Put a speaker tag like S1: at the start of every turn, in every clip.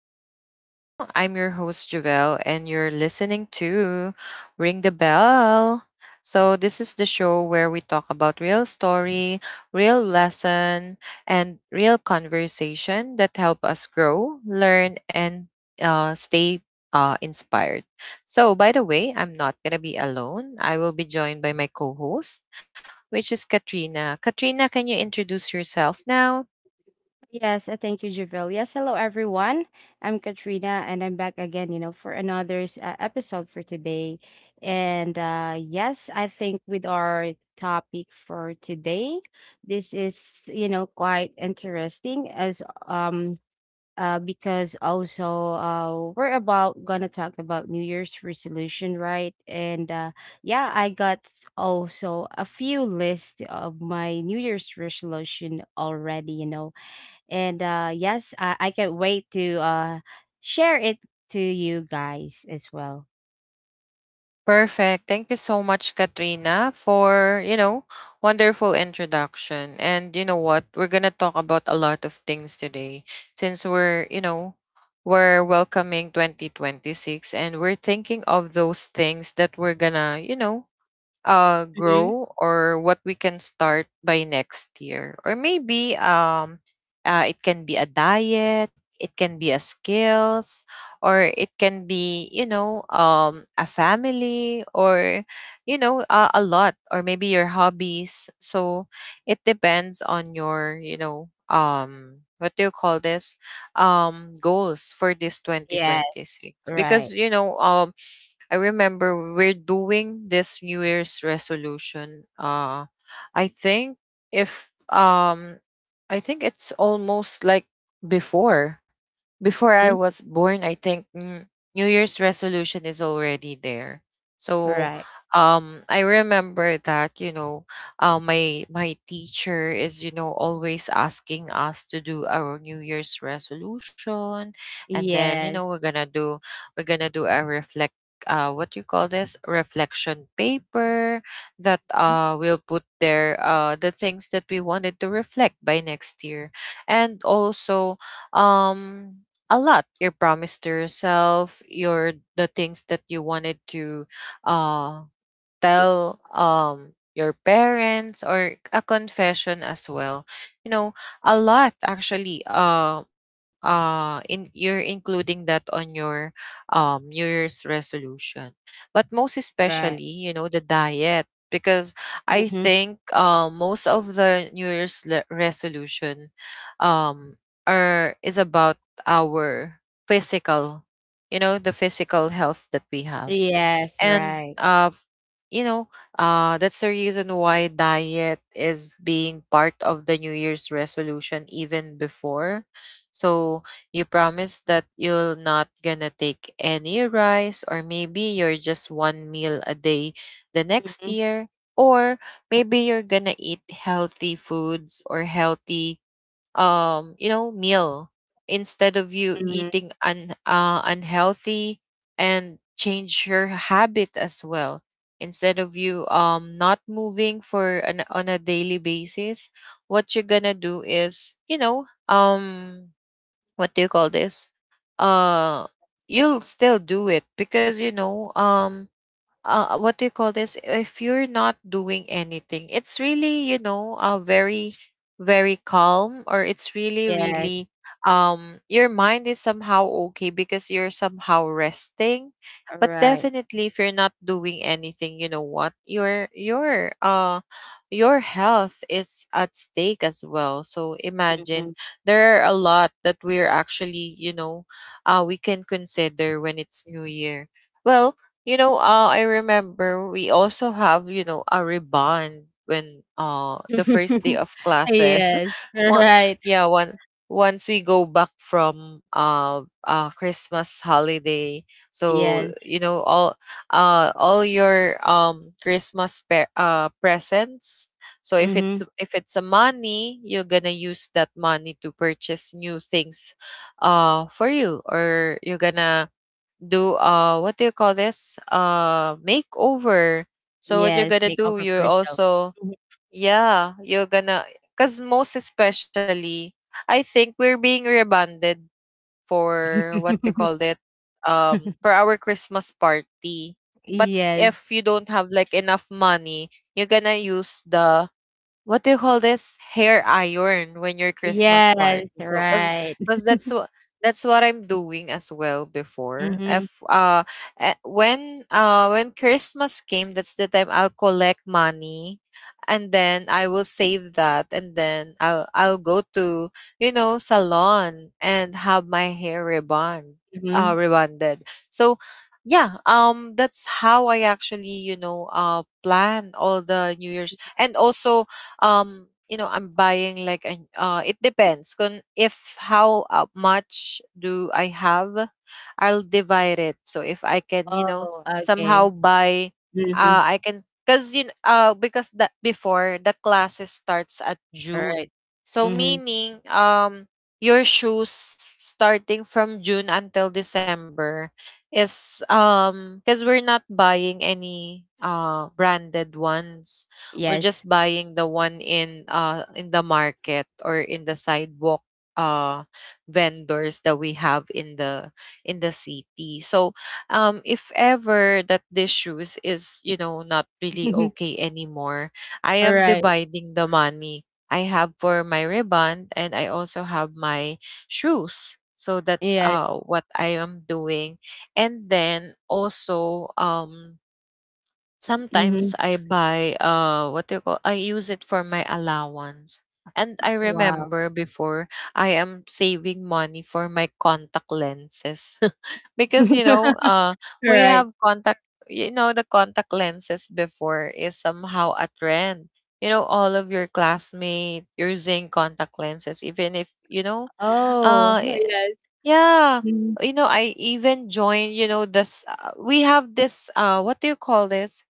S1: to the show. I'm your host, Javelle, and you're listening to Ring the Bell. So this is the show where we talk about real story, real lesson, and real conversation that help us grow, learn, and stay inspired. So, by the way, I'm not going to be alone. I will be joined by my co host, which is Katrina. Katrina, can you introduce yourself now?
S2: Yes, Thank you, Javil. Yes, hello everyone. I'm Katrina, and I'm back again, you know, for another episode for today. And yes, I think with our topic for today, this is, you know, quite interesting as because also we're about gonna talk about New Year's resolution, right? And yeah, I also a few lists of my New Year's resolution already, you know, and yes, I can't wait to share it to you guys as well.
S1: Perfect. Thank you so much, Katrina, for, you know, wonderful introduction. And you know what? We're going to talk about a lot of things today since we're, you know, we're welcoming 2026 and we're thinking of those things that we're going to, you know,
S2: Mm-hmm.
S1: grow, or what we can start by next year, or maybe it can be a diet, it can be a skills, or it can be, you know, a family, or you know, a lot, or maybe your hobbies. So it depends on your, you know, what do you call this, goals for this
S2: Yeah.
S1: 2026. Because
S2: Right.
S1: you know, I remember we're doing this New Year's resolution. I think if I think it's almost like before, before I
S2: Mhm.
S1: was born. I think New Year's resolution is already there. So,
S2: Right.
S1: I remember that, you know, my teacher is, you know, always asking us to do our New Year's resolution, and then you know
S2: Yes.
S1: we're gonna do a reflection, what do you call this, reflection paper, that
S2: Mhm.
S1: we'll put there the things that we wanted to reflect by next year. And also, um a lot, your promise to yourself, your the things that you wanted to uh tell your parents, or a confession as well, you know. A lot, actually, in you're including that on your new year's resolution. But most
S2: Right.
S1: especially, you know, the diet, because I
S2: Hmm.
S1: think, most of the resolution are is about our physical, you know, the physical health that we have.
S2: Yes.
S1: And
S2: Right.
S1: you know, that's the reason why diet is being part of the new year's resolution even before. So you promise that you're not gonna take any rice, or maybe you're just one meal a day the next
S2: Hmm.
S1: year. Or maybe you're gonna eat healthy foods, or healthy you know, meal, instead of you
S2: Hmm.
S1: eating un unhealthy, and change your habit as well. Instead of you not moving for an on a daily basis, what you're gonna do is, you know, what do you call this uh you'll still do it, because you know what do you call this? If you're not doing anything, it's really, you know, very, very calm, or it's really,
S2: Yes.
S1: really, your mind is somehow okay because you're somehow resting. But
S2: Right.
S1: definitely, if you're not doing anything, you know what? Your your health is at stake as well. So imagine,
S2: Hmm.
S1: there are a lot that we're actually, you know, we can consider when it's New Year. Well, you know, I remember we also have, you know, a rebond when the first day of classes.
S2: Yes.
S1: One
S2: Right.
S1: yeah, one once we go back from Christmas holiday. So,
S2: Yes.
S1: you know, all your presents. So if
S2: Hmm.
S1: it's, if it's a money, you're gonna use that money to purchase new things for you. Or you're gonna do, what do you call this, makeover. So what you're
S2: Yes.
S1: gonna
S2: Make up
S1: do,
S2: for
S1: you're
S2: yourself.
S1: also,
S2: Mhm.
S1: yeah, you're gonna, because most especially, I think we're being rebonded for, what do you call it, for our Christmas party. But if
S2: Yes.
S1: you don't have like enough money, you're gonna use the, what do you call this, hair iron, when your Christmas
S2: Yes.
S1: party. So
S2: Right.
S1: because that's what, that's what I'm doing as well before.
S2: Hmm.
S1: If when when Christmas came, that's the time I'll collect money, and then I will save that, and then I'll go to, you know, salon, and have my hair rebond,
S2: Hmm.
S1: rebonded. So yeah, that's how I actually, you know, plan all the New Year's. And also, you know, I'm buying like an it depends on if how much do I have. I'll divide it. So if I can, you know,
S2: Oh,
S1: somehow
S2: okay.
S1: buy,
S2: Mhm.
S1: I can, because you know, because that before the classes starts at June.
S2: Alright.
S1: So
S2: Mhm.
S1: meaning, your shoes starting from June until December is, because we're not buying any branded ones. We're
S2: Yes.
S1: just buying the one in, in the market, or in the sidewalk, uh vendors that we have in the, in the city. So if ever that this shoes is, you know, not really okay anymore, I am
S2: Alright.
S1: dividing the money I have for my riband, and I also have my shoes. So that's
S2: Yes.
S1: what I am doing. And then also, sometimes
S2: Mhm.
S1: I buy, what do you call, I use it for my allowance. And I
S2: Wow.
S1: remember before, I am saving money for my contact lenses because you know
S2: all
S1: we
S2: right,
S1: have contact, you know, the contact lenses before is somehow a trend. You know, all of your classmates using contact lenses, even if you know,
S2: Oh,
S1: uh y-
S2: yes.
S1: yeah,
S2: Mhm.
S1: you know, I even joined, you know, this we have this what do you call this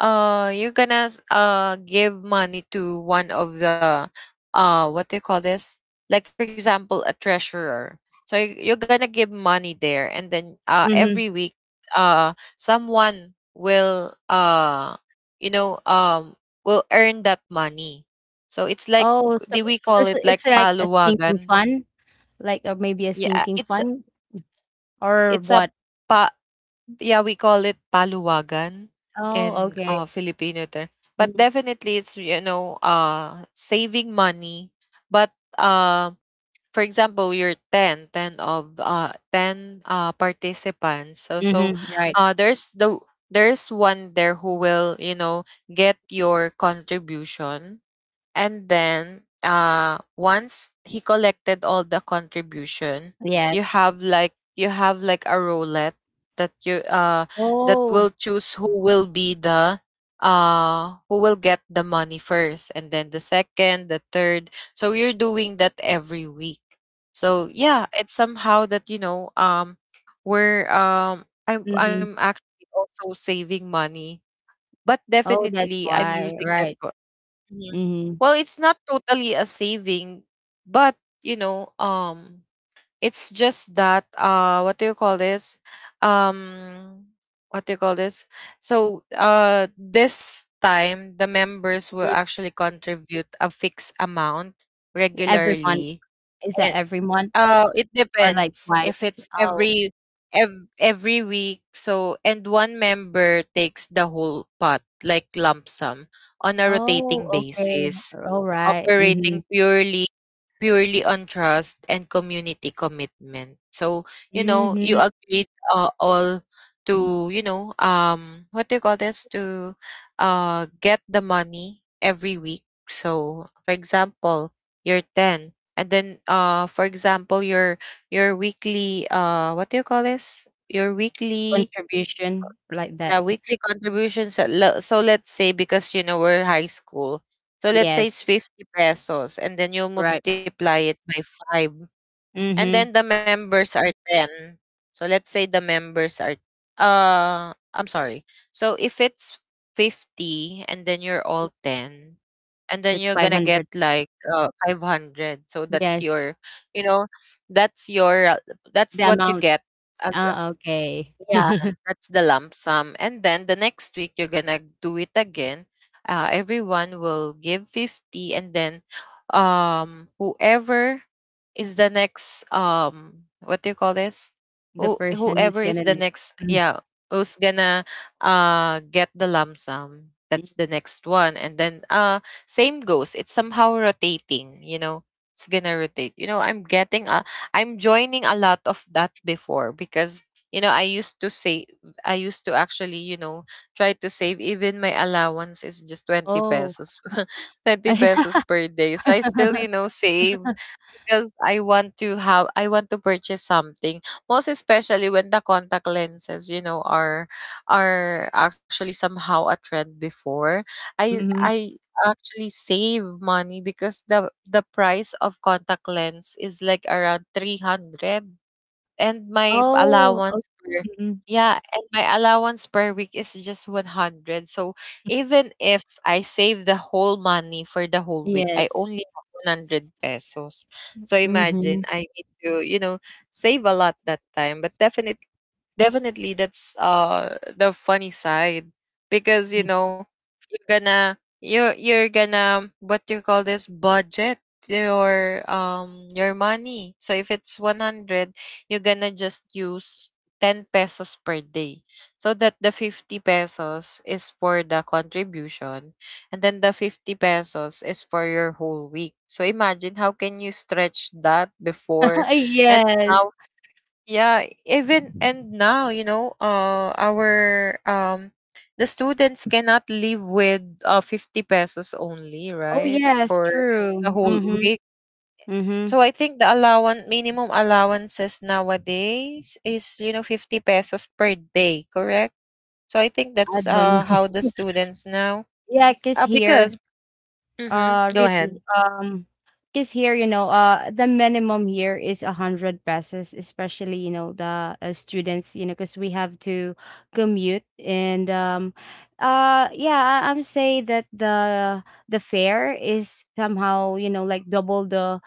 S1: you're gonna give money to one of the, what do you call this, like for example a treasurer. So you're gonna give money there, and then every
S2: Mhm.
S1: week, uh someone will you know, will earn that money. So it's like,
S2: Oh, so
S1: do we
S2: so
S1: call
S2: it's
S1: it like
S2: it's like a sinking
S1: paluwagan.
S2: fund? Like, or maybe a
S1: Yeah,
S2: sinking
S1: it's
S2: fund or
S1: it's a
S2: what?
S1: pa, yeah, we call it paluwagan
S2: Oh,
S1: in
S2: okay.
S1: Filipino term. But
S2: Mhm.
S1: definitely it's, you know, saving money. But uh for example, you're ten, ten of ten participants. So so,
S2: Mhm. Right.
S1: there's the, there's one there who will, you know, get your contribution. And then once he collected all the contribution, you
S2: Yes.
S1: have like, you have like a roulette that you that
S2: Oh.
S1: will choose who will be the, who will get the money first, and then the second, the third. So you're doing that every week. So yeah, it's somehow that, you know, we're I'm
S2: Mhm.
S1: actually also saving money, but
S2: Oh, that's
S1: definitely I'm
S2: why.
S1: using that.
S2: Right.
S1: Mhm.
S2: Mhm.
S1: Well, it's not totally a saving, but you know, it's just that, what do you call this? Um, what do you call this? So, this time the members will
S2: Mm,
S1: actually contribute a fixed amount
S2: every month.
S1: regularly.
S2: Is that every month
S1: It
S2: or, like,
S1: depends
S2: twice?
S1: if it's
S2: Oh.
S1: every week. So, and one member takes the whole pot, like lump sum, on a rotating
S2: Oh, okay.
S1: basis,
S2: Alright. Mhm.
S1: operating purely on trust and community commitment. So you know, you
S2: Mhm.
S1: agreed, all, to, you know, what do you call this to get the money every week. So, for example, you're 10, and then, for example, your weekly, what do you call this? your weekly,
S2: Contribution like
S1: yeah,
S2: that.
S1: weekly contributions. So let's say, because you know we're high school. So let's say
S2: Yes.
S1: it's 50 pesos, and then you'll
S2: Right.
S1: multiply it by 5, and then the
S2: Mhm.
S1: members are 10. So let's say the members are, I'm sorry. So if it's 50, and then you're all 10, and then
S2: That's
S1: you're going to get
S2: 500.
S1: like 500. So that's
S2: Yes.
S1: your, you know, that's your,
S2: The
S1: that's what you
S2: amount.
S1: get as,
S2: Ah, okay.
S1: yeah, that's the lump sum. And then the next week you're gonna do it again. Everyone will give 50, and then, whoever is the next, what do you call this?
S2: The person who's
S1: Whoever is
S2: gonna
S1: the
S2: next.
S1: next,
S2: Mm.
S1: yeah, who's gonna get the lump sum. That's
S2: Mm.
S1: the next one. And then same goes. It's somehow rotating, you know. It's gonna rotate. You know, I'm joining a lot of that before. Because you know, I used to actually, you know, try to save, even my allowance is just 20
S2: Oh.
S1: pesos. 20 pesos per day. So I still, you know, save, because I want to purchase something. Most especially when the contact lenses, you know, are actually somehow a trend before. I
S2: Mhm.
S1: I actually save money because the price of contact lens is like around 300. And my
S2: Oh, o,
S1: allowance per
S2: mm.
S1: Yeah, and my allowance per week is just 100, so even if I save the whole money for the whole week, I
S2: Yes.
S1: only have 100 pesos. So imagine,
S2: Mhm.
S1: I need to, save a lot that time. But definitely that's the funny side, because
S2: Mhm.
S1: you're gonna what you call this, budget your money. So if it's 100, you're gonna just use 10 pesos per day, so that the 50 pesos is for the contribution and then the 50 pesos is for your whole week. So imagine how can you stretch that before. And
S2: Yes.
S1: now Yeah, even and now, our the students cannot live with 50 pesos only,
S2: Oh,
S1: right?
S2: yes.
S1: For the
S2: True.
S1: whole
S2: Mhm.
S1: week.
S2: Mhm.
S1: So I think the allowance minimum allowances nowadays is, 50 pesos per day, correct? So I think
S2: I
S1: that's
S2: don't know.
S1: how the students now,
S2: Yeah, 'cause
S1: because —
S2: here
S1: mm-hmm, go
S2: Really.
S1: ahead.
S2: Because here, you know, the minimum here is a hundred pesos, especially, you know, the students, you know, because we have to commute and yeah, I'm say that the fare is somehow, you know, like double the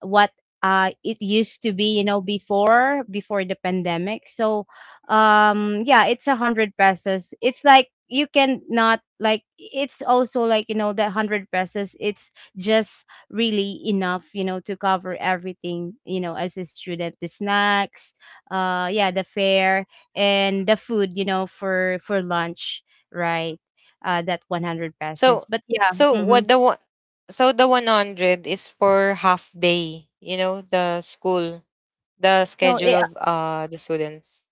S2: what it used to be, you know, before the pandemic. So yeah, it's a hundred pesos. It's like you can not like it's also like, you know, that hundred pesos, it's just really enough, you know, to cover everything, you know, as a student: the snacks, yeah, the fare, and the food, you know, for lunch, right, that 100 pesos,
S1: So
S2: but yeah,
S1: so
S2: mm-hmm.
S1: what the one so the 100 is for half day, the
S2: No,
S1: schedule of the students,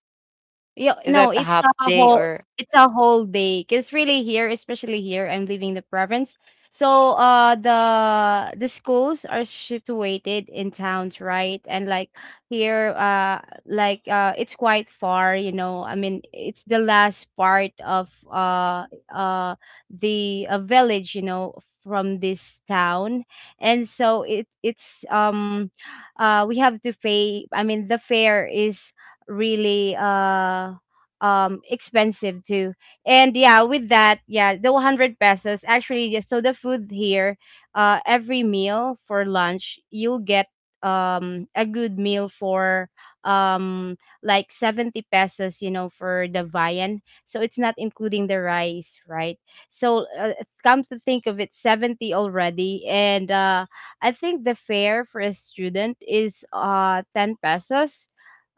S2: yeah,
S1: is
S2: no,
S1: that a half day or
S2: it's a whole day. 'Cause really here, especially here, I'm living in the province. So the schools are situated in towns, right? And like here, it's quite far, you know. I mean, it's the last part of uh the village, you know, from this town. And so it's we have to pay, I mean, the fare is really expensive too. And yeah, with that, yeah, the 100 pesos actually, yeah, so the food here, every meal, for lunch you'll get a good meal for um like 70 pesos, you know, for the viand, so it's not including the rice, right? So come to think of it, 70 already, and I think the fare for a student is 10 pesos,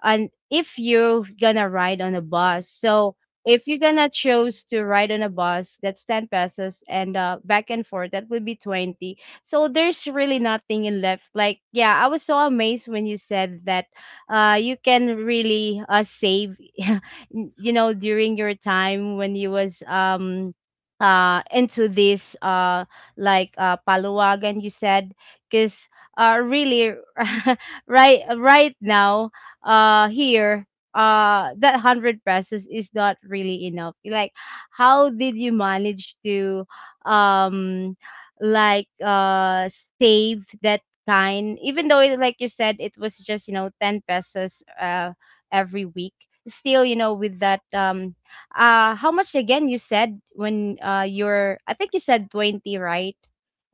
S2: and if you're gonna ride on a bus, so if you're gonna choose to ride on a bus, that's 10 pesos, and back and forth, that would be 20. So there's really nothing in left. Like, yeah, I was so amazed when you said that you can really save, you know, during your time when you was into this paluwagan, you said. Because really, right, right now, here, that 100 pesos is not really enough. Like, how did you manage to um like uh save that kind, even though it, like you said, it was just, you know, 10 pesos every week? Still, you know, with that how much again you said when you're, I think you said 20, right,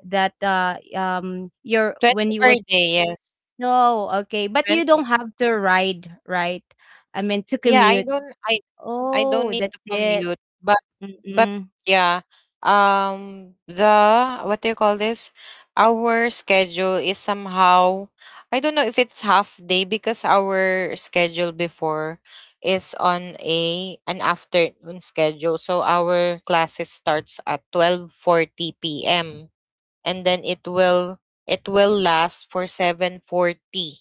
S2: that your when
S1: 20
S2: you
S1: per
S2: was
S1: day? Yes,
S2: no, okay, but you
S1: 20.
S2: don't have to ride, right? I mean, to
S1: Yeah,
S2: commute.
S1: I don't
S2: Oh,
S1: need
S2: that's
S1: to
S2: it.
S1: commute, but
S2: Mm-mm.
S1: yeah, the what do you call this? Our schedule is somehow — I don't know if it's half day, because our schedule before is on a an afternoon schedule. So our classes starts at 12:40 p.m. and then it will last for 7:40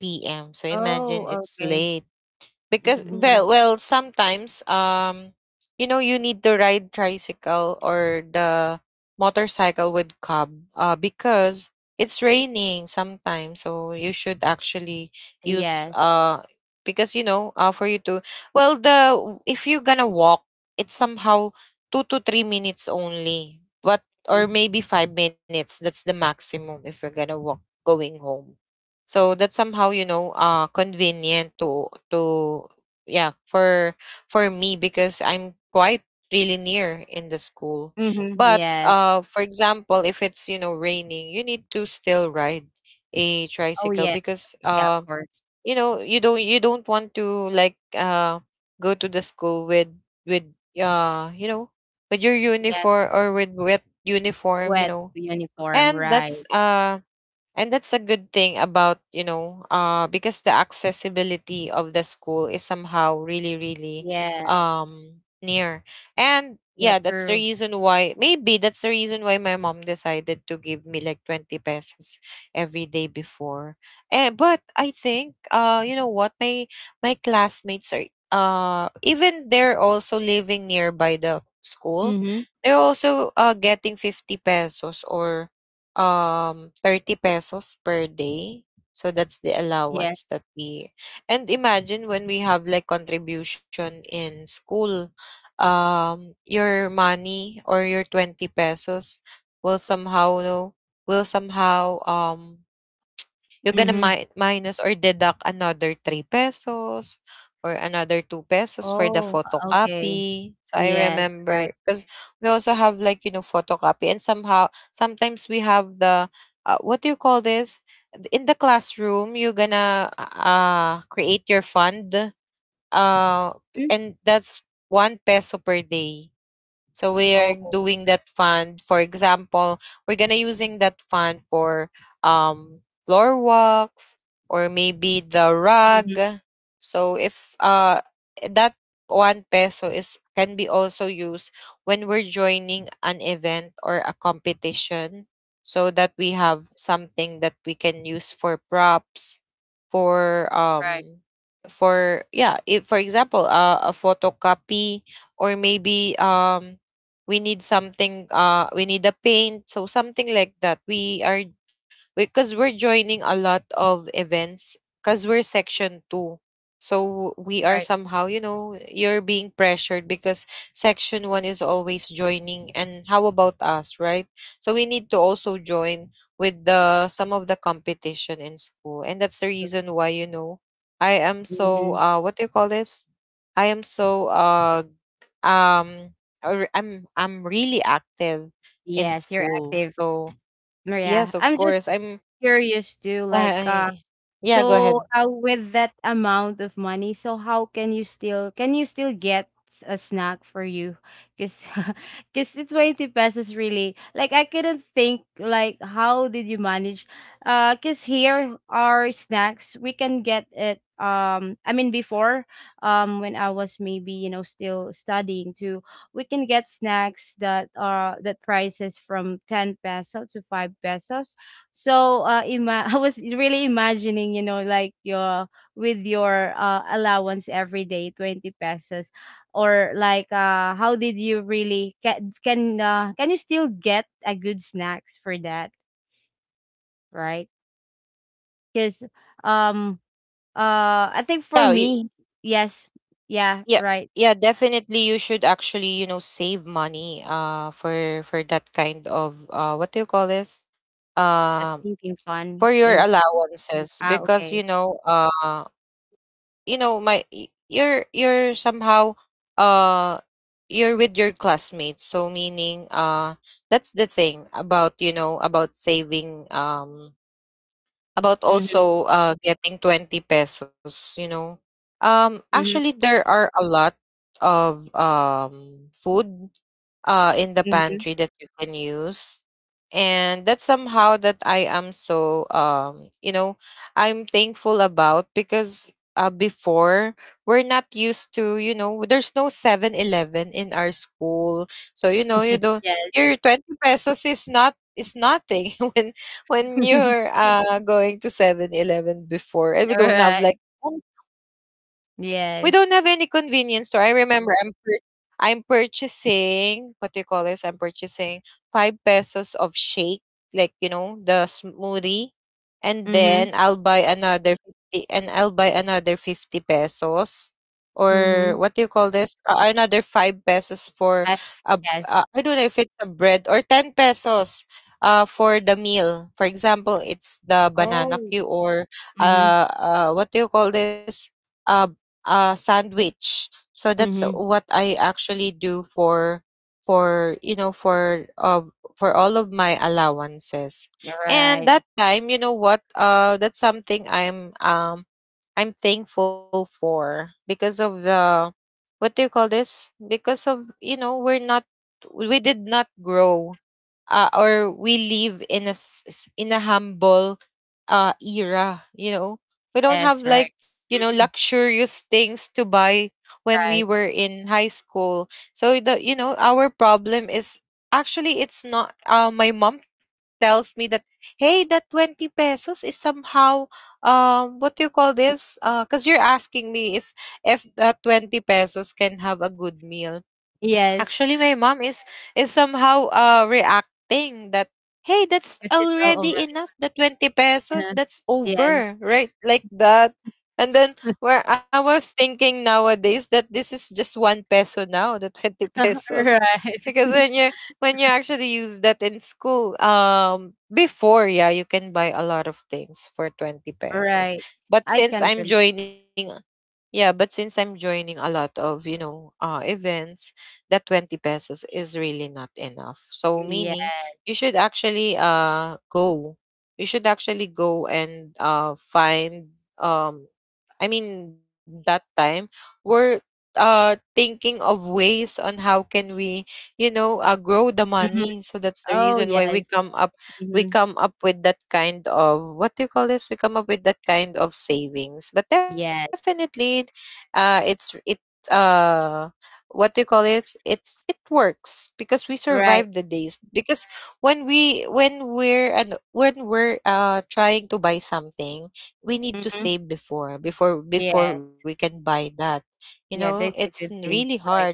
S1: p.m. So
S2: Oh,
S1: imagine it's
S2: okay.
S1: late, because
S2: Mhm.
S1: well sometimes, you need to ride tricycle or the motorcycle with cub, because it's raining sometimes, so you should actually use,
S2: Yes.
S1: because for you to — well, the if you're gonna walk, it's somehow 2 to 3 minutes only, but or maybe 5 minutes, that's the maximum if you're gonna walk going home. So that's somehow, you know, convenient to, yeah, for me, because I'm quite really near in the school.
S2: Mm-hmm.
S1: But
S2: Yes.
S1: for example, if it's, you know, raining, you need to still ride a
S2: Oh,
S1: tricycle,
S2: yes.
S1: because
S2: Yeah, of course.
S1: you don't want to like go to the school with uh you know with your
S2: Yes.
S1: uniform, or with wet uniform you
S2: Wet
S1: know
S2: uniform,
S1: and
S2: right.
S1: that's uh and that's a good thing about, because the accessibility of the school is somehow really, really,
S2: Yes.
S1: near. And
S2: Yeah,
S1: yeah, that's the
S2: true.
S1: reason why, maybe that's the reason why my mom decided to give me like 20 pesos every day before. Eh, but I think, you know what, my classmates are, even they're also living nearby the school,
S2: Mm-hmm.
S1: they're also, getting 50 pesos or, 30 pesos per day. So that's the
S2: Yes.
S1: allowance that we and imagine when we have like contribution in school, your money or your 20 pesos will somehow no will somehow, you're gonna
S2: Mm-hmm.
S1: mi minus or deduct another 3 pesos or another 2 pesos for the
S2: Oh, okay.
S1: photocopy. So I
S2: Yes,
S1: remember,
S2: right.
S1: because we also have, like, photocopy, and somehow sometimes we have the — what do you call this? In the classroom, you're gonna create your fund, uh
S2: Mm.
S1: and that's 1 peso per day. So we are
S2: Oh,
S1: doing that fund. For example, we're gonna using that fund for, floor walks or maybe the rug.
S2: mm-hmm.
S1: So if that 1 peso is can be also used when we're joining an event or a competition, so that we have something that we can use for props, for
S2: Right,
S1: um for yeah if for example, a photocopy, or maybe we need something, we need a paint, so something like that, we are because we're joining a lot of events, because we're section 2, so we are
S2: right,
S1: somehow, you're being pressured, because section 1 is always joining, and how about us, right? So we need to also join with the some of the competition in school. And that's the
S2: right.
S1: reason why, I am so,
S2: Mm-hmm.
S1: what do you call this? I am so, um or I'm really active in
S2: Yes, you're
S1: school.
S2: active.
S1: So
S2: Oh, yeah,
S1: yes, of
S2: I'm just
S1: course.
S2: curious too, like,
S1: I, yeah, go
S2: so,
S1: ahead.
S2: with that amount of money, so how can you still get a snack for you? Because because the 20 pesos really, like, I couldn't think, like, how did you manage? Because here are snacks, we can get it. I mean, before, when I was maybe, you know, still studying too, we can get snacks that are that prices from 10 peso to 5 pesos. So I was really imagining, you know, like your with your allowance every day, 20 pesos, or like how did you really can you still get a good snacks for that, right? Because um I think
S1: Yeah,
S2: for me, yes, yeah,
S1: yeah.
S2: right.
S1: Yeah, definitely you should actually, save money, for that kind of, what do you call this?
S2: That's
S1: Um
S2: thinking fun.
S1: for your
S2: Like,
S1: allowances,
S2: ah,
S1: because
S2: okay.
S1: you're somehow, uh you're with your classmates, so meaning, that's the thing about you know about saving, about
S2: Mm-hmm.
S1: also getting 20 pesos. Actually,
S2: Hmm.
S1: there are a lot of, food, in the
S2: Hmm.
S1: pantry that you can use. And that's somehow that I am so, I'm thankful about, because, before, we're not used to, there's no 7-Eleven in our school. So, you don't,
S2: Yes.
S1: your 20 pesos is nothing when when
S2: All
S1: you're going to 7-Eleven before, and
S2: right.
S1: we don't have any convenience store. I
S2: Yes.
S1: remember, I'm purchasing — what do you call this? I'm purchasing 5 pesos of shake, like, the smoothie. And then I'll buy
S2: Mm-hmm.
S1: another 50, and I'll buy another 50 pesos. Or what do you
S2: Mm-hmm.
S1: call this? Another 5 pesos for a,
S2: Yes.
S1: I don't know if it's a bread, or 10 pesos, for the meal. For example, it's the banana
S2: Oh.
S1: queue or,
S2: Mhm.
S1: what do you call this? Uh, a sandwich. So that's
S2: Mhm.
S1: what I actually do for you know for all of my allowances.
S2: You're
S1: And
S2: right.
S1: that time, you know what? That's something I'm thankful for because of the what do you call this? Because of, we did not grow, or we live in in a humble, era, we don't
S2: Yes,
S1: have,
S2: right.
S1: like,
S2: Mhm,
S1: luxurious things to buy when we
S2: right.
S1: were in high school. So the you know our problem is actually — it's not. My mom tells me that, hey, that 20 pesos is somehow, what do you call this? Because you're asking me if that 20 pesos can have a good meal.
S2: Yes,
S1: Actually, my mom is somehow, reacting that, hey, that's
S2: 'cause it's all
S1: already
S2: already.
S1: enough. The 20 pesos,
S2: Uh-huh.
S1: that's
S2: Yes.
S1: over, right? Like that. And then where I was thinking nowadays that this is just 1 peso now, the 20 pesos.
S2: Right,
S1: Because when you actually use that in school, before, yeah, you can buy a lot of things for 20 pesos.
S2: right.
S1: But
S2: I
S1: since
S2: can
S1: I'm
S2: relate.
S1: joining Yeah, but since I'm joining a lot of, events, that 20 pesos is really not enough. So
S2: Yeah.
S1: meaning, you should actually go. You should actually go and find I mean, that time, we're, thinking of ways on how can we, grow the
S2: Mhm.
S1: money. So that's the
S2: Oh,
S1: reason why
S2: yes.
S1: we
S2: Mhm.
S1: come up with that kind of — what do you call this? We come up with that kind of savings. But
S2: Yes.
S1: definitely, it's it uh what do you call it — it works, because we
S2: Right.
S1: survived the days, because when we're trying to buy something, we need to
S2: Mhm.
S1: save before before
S2: Yes.
S1: before we can buy that.
S2: Yeah, that's
S1: It's
S2: a good
S1: really
S2: thing.
S1: hard.
S2: Right.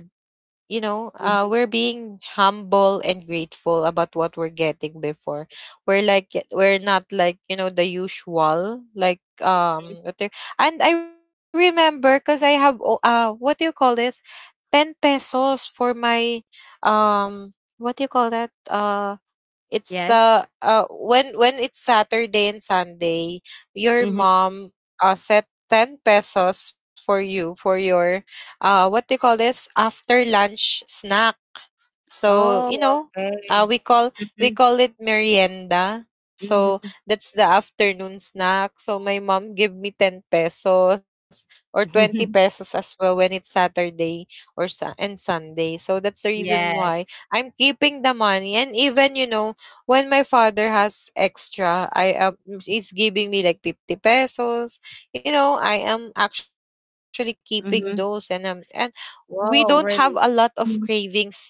S2: Mhm.
S1: We're being humble and grateful about what we're getting before. We're not like, you know, the usual, like, and I remember, because I have, what do you call this? 10 pesos for my, um, what do you call that? It's
S2: Yes.
S1: When it's Saturday and Sunday, your
S2: Mhm.
S1: mom set 10 pesos for you for your, what do you call this, after lunch snack. So,
S2: Oh,
S1: uh,
S2: okay.
S1: we call we
S2: Mhm,
S1: call it merienda. So
S2: mhm.
S1: that's the afternoon snack. So my mom give me 10 pesos or 20 pesos as well when it's Saturday, or sa and Sunday. So that's the reason
S2: Yes.
S1: why I'm keeping the money. And even, when my father has extra, I am it's giving me like 50 pesos. You know, I am actually keeping those, and I'm
S2: Mhm.
S1: and we don't have a
S2: Wow,
S1: lot of
S2: really? Mhm.
S1: cravings,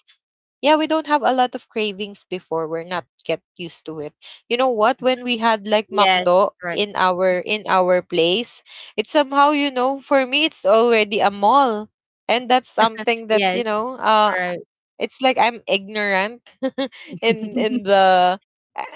S1: yeah, we don't have a lot of cravings before. We're not get used to it. You know what? When we had, like,
S2: Yes.
S1: McDo in
S2: Right.
S1: our in our place, it's somehow, for me it's already a mall. And that's something that,
S2: Yes, right.
S1: it's like I'm ignorant in the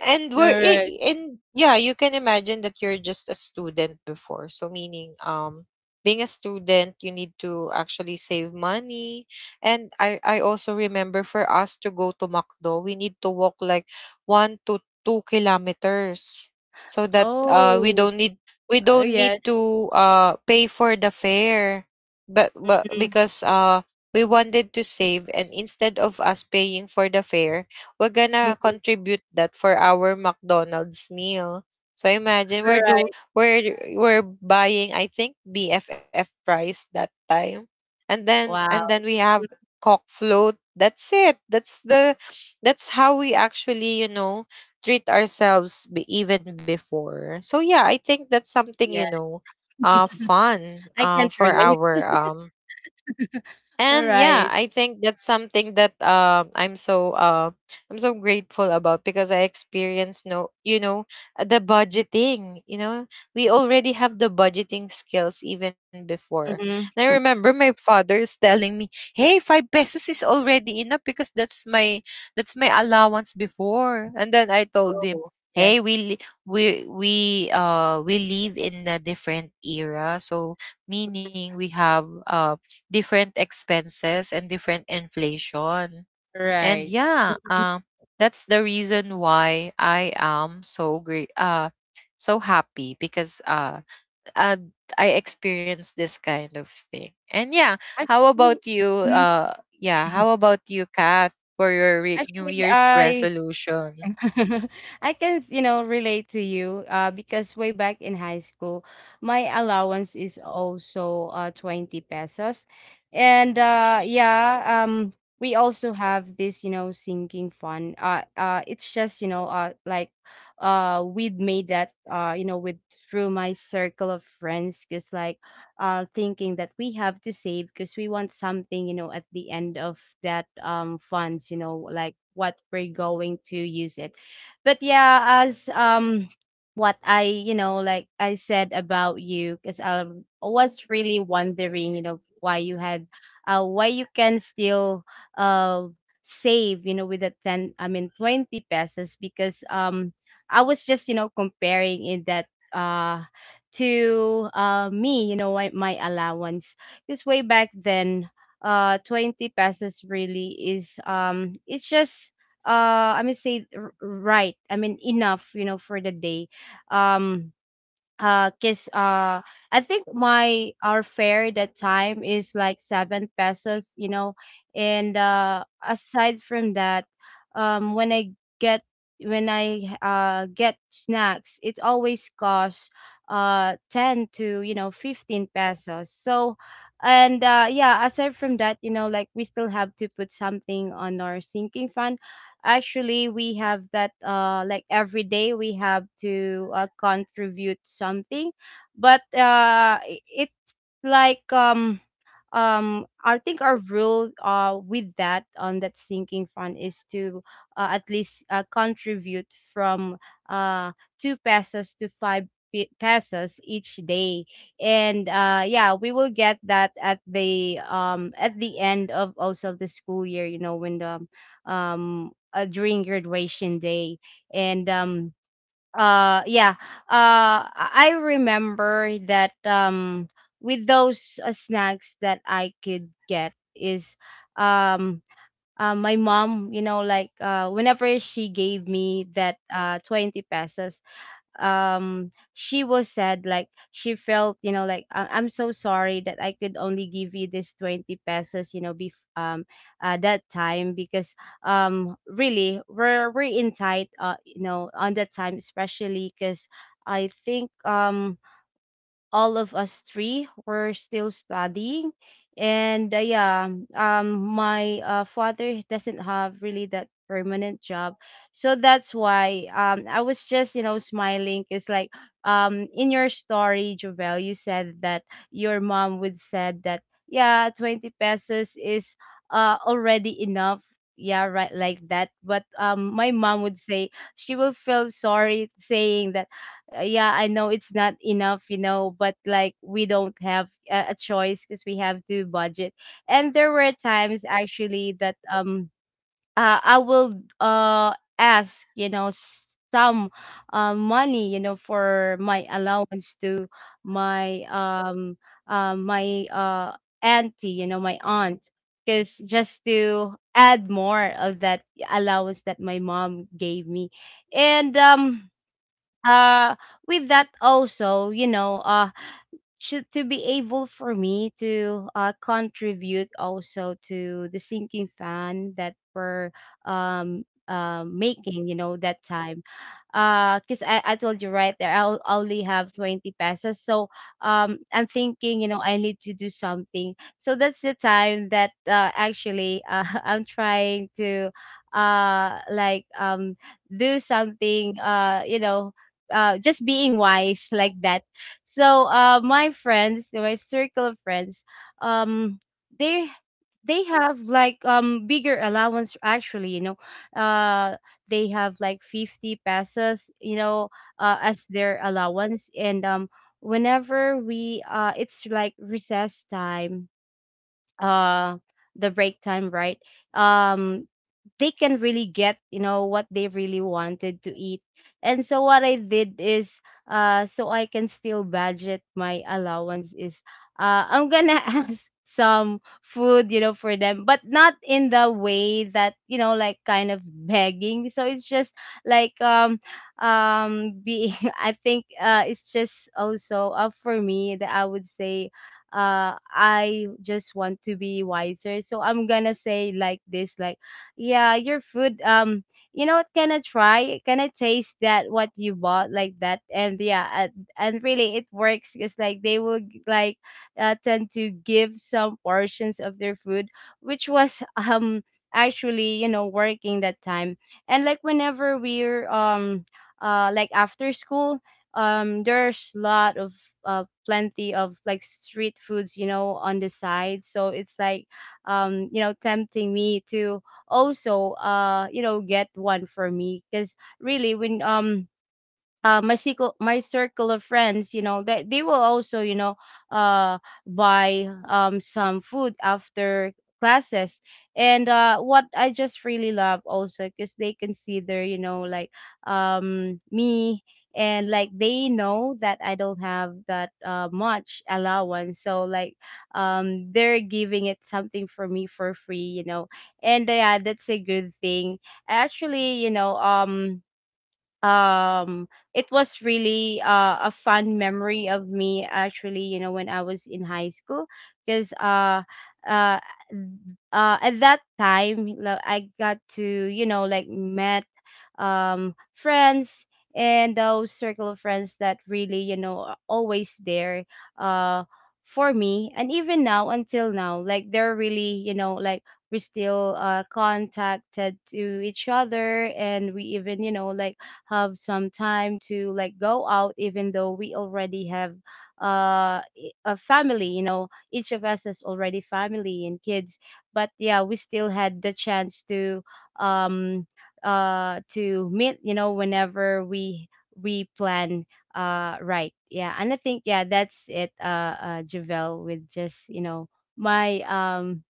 S1: and we're
S2: All
S1: I-
S2: right.
S1: in yeah, you can imagine that you're just a student before. So meaning, being a student, you need to actually save money. And I also remember, for us to go to Macdo, we need to walk like 1 to 2 kilometers, so that, we
S2: Oh,
S1: don't need we don't
S2: yes.
S1: need to pay for the fare. But
S2: Mhm.
S1: because, we wanted to save, and instead of us paying for the fare, we're gonna
S2: Mhm.
S1: contribute that for our McDonald's meal. So imagine we're
S2: All
S1: do
S2: Right.
S1: we're buying, I think, BFF price that time, and then
S2: Wow.
S1: we have
S2: Mm,
S1: cock float. That's it. That's how we actually, treat ourselves, even before. So yeah, I think that's
S2: yeah.
S1: something,
S2: I
S1: fun,
S2: can't
S1: for
S2: relate.
S1: our
S2: All
S1: and
S2: right.
S1: yeah, I think that's something that I'm so grateful about because I experienced no, the budgeting. We already have the budgeting skills even before.
S2: Mm-hmm.
S1: And I remember my father is telling me, "Hey, 5 pesos is already enough because that's my allowance before." And then I told him,
S2: Oh,
S1: "Hey,
S2: yes.
S1: we li- we we live in a different era, so meaning we have different expenses and different inflation."
S2: All
S1: And
S2: right.
S1: yeah,
S2: Mhm.
S1: that's the reason why I am so happy because uh, I experienced this kind of thing. And yeah, how
S2: Actually,
S1: about you?
S2: mhm.
S1: Yeah, how about you, Kath, for your New
S2: Actually,
S1: Year's
S2: I
S1: resolution?
S2: I can, you know, relate to you, because way back in high school, my allowance is also 20 pesos. And yeah, we also have this, you know, sinking fund. It's just, you know, we've made that, you know, with through my circle of friends, because thinking that we have to save because we want something, you know, at the end of that, funds, you know, like what we're going to use it. But yeah, as what you know, like I said about you, because I was really wondering, you know, why you can still uh, save, you know, with the 10, I mean, 20 pesos, because I was just, you know, comparing in that. Uh, to me, you know, my allowance. Because way back then, 20 pesos really is, it's just, I mean, right. I mean, enough, you know, for the day. Um, 'Cause I think my our fare that time is like 7 pesos, you know. And aside from that, um when i get when I get snacks, it always costs 10 to, you know, 15 pesos. So and uh yeah, aside from that, you know, like we still have to put something on our sinking fund. Actually, we have that, like every day we have to contribute something. But it's like I think our rule with that on that sinking fund is to at least contribute from uh 2 pesos to 5 pesos each day. And yeah, we will get that at the end of also the school year, you know, when the during graduation day. And yeah, I remember that, with those snacks that I could get is um my mom, you know, like whenever she gave me that 20 pesos, she was sad, like she felt, you know, like, I'm so sorry that I could only give you this 20 pesos, you know, that time, because really we're in tight, you know, on that time, especially because I think all of us three were still studying. And yeah, my father doesn't have really that permanent job, so that's why I was just, you know, smiling. It's like, in your story, Jovel, you said that your mom would said that, yeah, 20 pesos is already enough, yeah, right, like that. But my mom would say she will feel sorry, saying that, yeah, I know it's not enough, you know, but like we don't have a choice because we have to budget. And there were times actually that I will ask, you know, some money, you know, for my allowance to my my auntie, you know, my aunt. Because just to add more of that allowance that my mom gave me. And uh with that also, should to be able for me to contribute also to the sinking fund that we're making, you know, that time, because I told you right there I only have 20 pesos. So I'm thinking, you know, I need to do something. So that's the time that actually I'm trying to uh like um do something, just being wise like that. So my friends, my circle of friends, um, they they have like bigger allowance, actually, you know. uh they have like 50 pesos, you know, as their allowance. And whenever we it's like recess time, uh the break time, right? um they can really get, you know, what they really wanted to eat. And so what I did is, so I can still budget my allowance, is I'm gonna ask some food, you know, for them, but not in the way that, you know, like kind of begging. So it's just like being I think it's just also, for me, that I would say I just want to be wiser. So I'm gonna say like this, like, yeah, your food, you know what, can I try? Can I taste that what you bought like that? And really it works, because like they will like tend to give some portions of their food, which was actually, you know, working that time. And like whenever we're like after school, there's lot of plenty of like street foods, you know, on the side. So it's like you know, tempting me to also you know, get one for me. Because really, when my circle of friends, you know, they will also, you know, uh, buy some food after classes. And what I just really love also because they consider, you know, like me, and like they know that I don't have that much allowance, so like they're giving it something for me for free, you know. And yeah, that's a good thing. Actually, you know, um it was really a fun memory of me, actually, you know, when I was in high school. Because uh uh uh at that time, I got to, you know, like met friends, and those circle of friends that really, you know, are always there uh for me. And even now, until now, like they're really, you know, like we still contacted to each other, and we even, you know, like have some time to like go out, even though we already have a family, you know. Each of us has already family and kids. But yeah, we still had the chance um to meet, you know, whenever we plan. Right, yeah. And I think, yeah, that's it, Javel, with just, you know, my um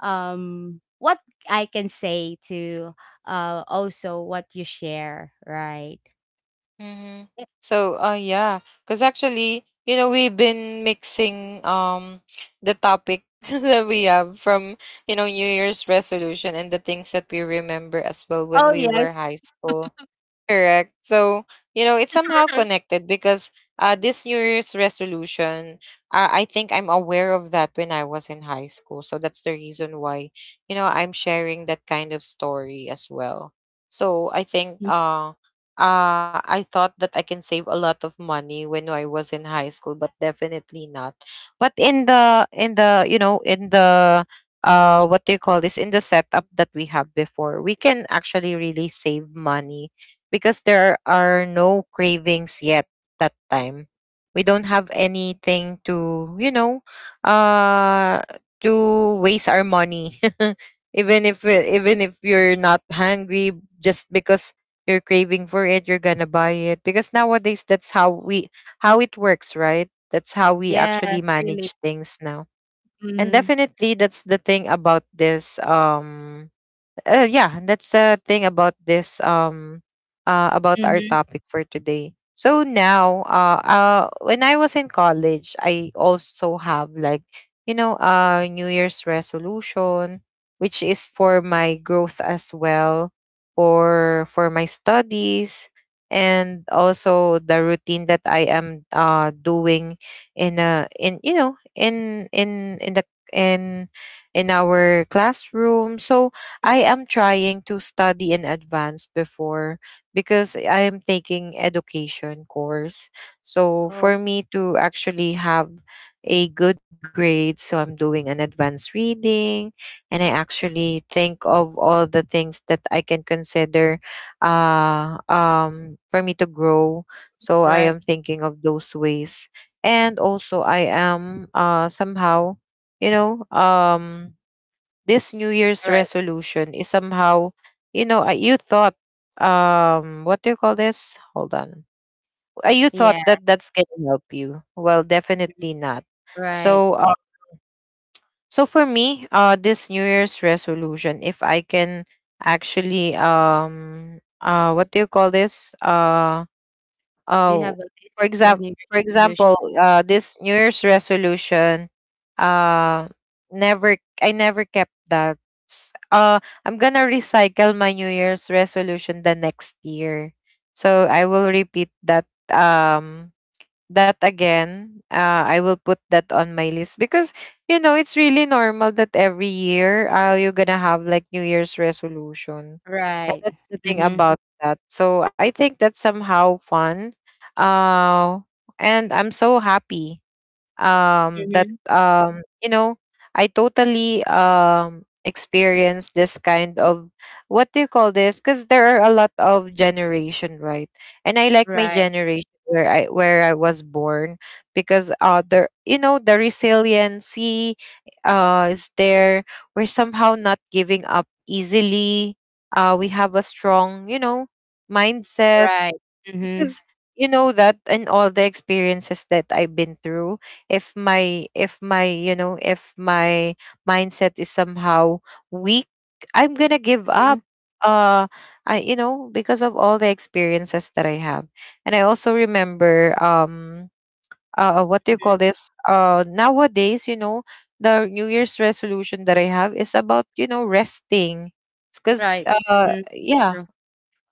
S2: um what I can say to also what you share, right?
S1: Mm-hmm.
S2: Eh,
S1: So, yeah, because actually, you know, we've been mixing the topic that we have from, New Year's resolution, and the things that we remember as
S2: oh
S1: well when
S2: yes,
S1: we were high school. Correct. So, you know, it's somehow connected because, this New Year's resolution, I think I'm aware of that when I was in high school. So that's the reason why, you know, I'm sharing that kind of story as well. So
S2: y-
S1: I thought that I can save a lot of money when I was in high school, but definitely not. But in the, you know, in the, what do you call this? In the setup that we have before, we can actually really save money because there are no cravings yet that time. We don't have anything uh to waste our money. Even if you're not hungry, just because you're craving for it, you're going to buy it because nowadays that's how it works, right? That's how we
S2: yes,
S1: actually
S2: really.
S1: manage things now. And
S2: Mhm.
S1: definitely that's the thing about this yeah, that's the thing about this, about our
S2: Mhm.
S1: topic for today. So now, when I was in college, I also have like, New Year's resolution, which is for my growth as well, for my studies, and also the routine that I am doing in in the in in our classroom. So I am trying to study in advance before because I am taking education course. So
S2: Oh,
S1: for me to actually have a good grade, so I'm doing an advanced reading, and I actually think of all the things that I can consider for me to grow. So I
S2: right,
S1: am thinking of those ways. And also I am somehow, you know, this New Year's
S2: right.
S1: resolution is somehow, you know, you thought, what do you call this? Hold on. You
S2: Yeah,
S1: thought that that's going to help you. Well, definitely not.
S2: right.
S1: So, for me, this New Year's resolution, if I can actually, what do you call this?
S2: Do you have
S1: Oh,
S2: a list
S1: for
S2: of New
S1: example,
S2: Year's
S1: for
S2: resolution?
S1: example, this New Year's resolution, uh, never, I never kept that. S- Uh, I'm gonna recycle my New Year's resolution the next year, so I will repeat that. Um, that again. I will put that on my list because you know it's really normal that every year, you're gonna have like New Year's resolution, and
S2: Right.
S1: that's the thing
S2: Mhm.
S1: about that. So I think that's somehow fun. Uh, and I'm so happy, that,
S2: Mhm.
S1: you know, I totally, Experienced this kind of, what do you call this, because there are a lot of generation, right? And I like my
S2: Right.
S1: generation where I was born, because there, you know, the resiliency is there. We're somehow not giving up easily. We have a strong, you know, mindset,
S2: Right. Mhm.
S1: because, you know, that, and all the experiences that I've been through, if my mindset is somehow weak, I'm going to give
S2: Mhm.
S1: up. uh I, you know, because of all the experiences that I have. And I also remember, what do you
S2: Mhm.
S1: call this, nowadays, you know, the new year's resolution that I have is about, you know, resting, because
S2: Right. Mhm.
S1: yeah,
S2: True.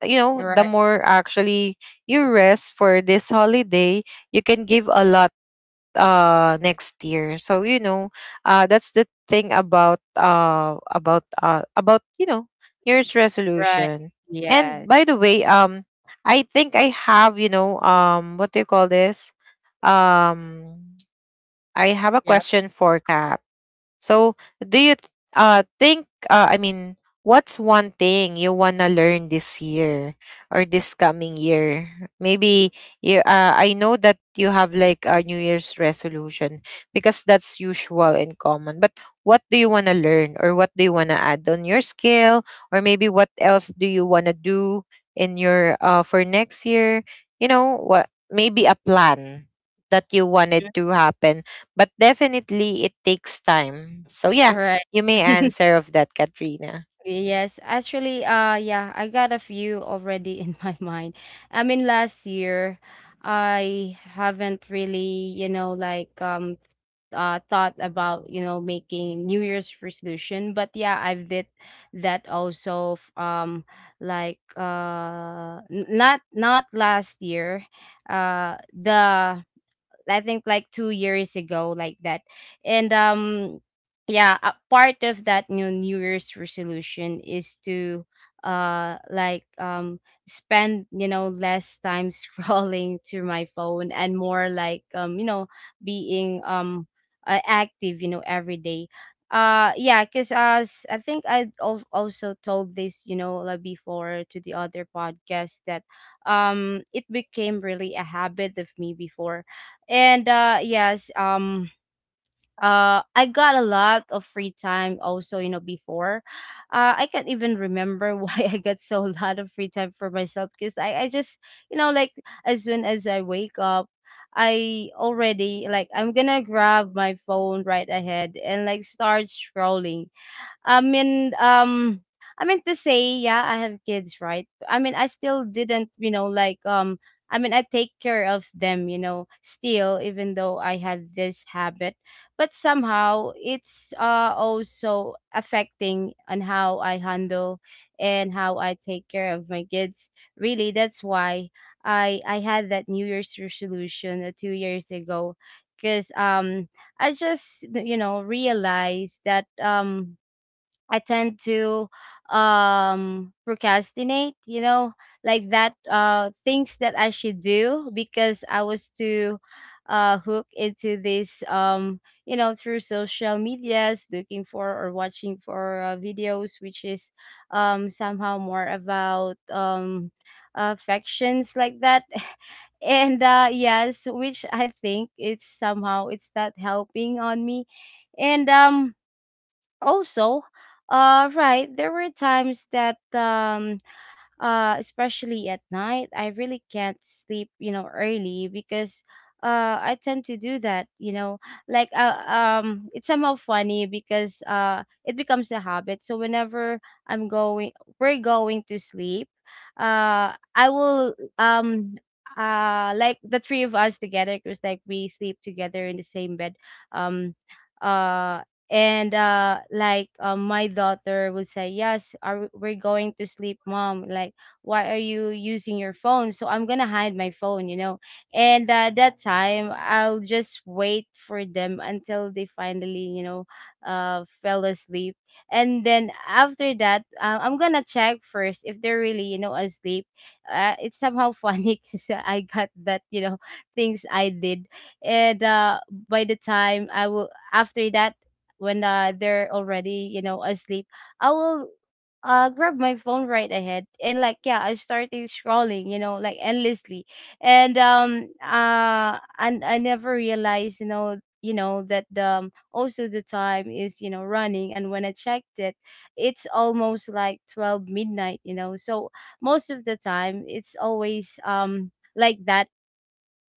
S1: you know, the
S2: Right.
S1: more actually you rest for this holiday, you can give a lot next year. So you know, that's the thing about, you know, new year's
S2: Right.
S1: resolution.
S2: Yes.
S1: And by the way, I think I have, you know, what do you call this, um I have a
S2: Yeah.
S1: question for Kat. So, do you th- think I mean, what's one thing you want to learn this year or this coming year? Maybe you I know that you have like a New Year's resolution because that's usual and common. But what do you want to learn, or what do you want to add on your skill, or maybe what else do you want to do in your for next year? You know, what maybe a plan that you
S2: Mhm.
S1: wanted to happen, but definitely it takes time. So yeah,
S2: Right.
S1: you may answer of that, Katrina.
S2: Yes, actually, yeah, I got a few already in my mind. I mean, last year, I haven't really, you know, like thought about, you know, making New Year's resolution. But yeah, I've did that also. Like not last year. The I think like 2 years ago, like that. And yeah, a part of that new New Year's resolution is to uh like um spend, you know, less time scrolling through my phone, and more like you know, being active, you know, every day. Yeah, because as I think I also told this, you know, like before, to the other podcast, that it became really a habit of me before. And yes, I got a lot of free time also, you know, before. I can't even remember why I got so a lot of free time for myself, because I just, you know, like as soon as I wake up, I already like, I'm gonna grab my phone right ahead and like start scrolling. I mean, um, I mean to say, yeah, I have kids, right? I mean, I still didn't, you know, like, I mean, I take care of them, you know, still, even though I had this habit. But somehow it's also affecting on how I handle and how I take care of my kids. Really, that's why I had that New Year's resolution 2 years ago. Because I just, you know, realized that I tend to procrastinate, you know, like that things that I should do, because I was too hooked into this, you know, through social medias, looking for or watching for videos, which is somehow more about affections like that, and yes, which I think it's somehow it's not helping on me. And also, right, there were times that especially at night, I really can't sleep, you know, early. Because I tend to do that, you know, like it's somehow funny because it becomes a habit. So whenever I'm going we're going to sleep, I will like the three of us together, because like we sleep together in the same bed. um uh and like my daughter would say, yes, we're going to sleep, mom, like, why are you using your phone? So I'm gonna hide my phone, you know. And at that time, I'll just wait for them until they finally, you know, fell asleep. And then after that, I'm gonna check first if they're really, you know, asleep. It's somehow funny because I got that, you know, things I did. And by the time I will, after that, when they're already, you know, asleep, I will grab my phone right ahead and like, yeah, I started scrolling, you know, like endlessly. And and I never realized, you know, that also the time is, you know, running. And when I checked it, it's almost like 12 midnight, you know. So most of the time, it's always like that.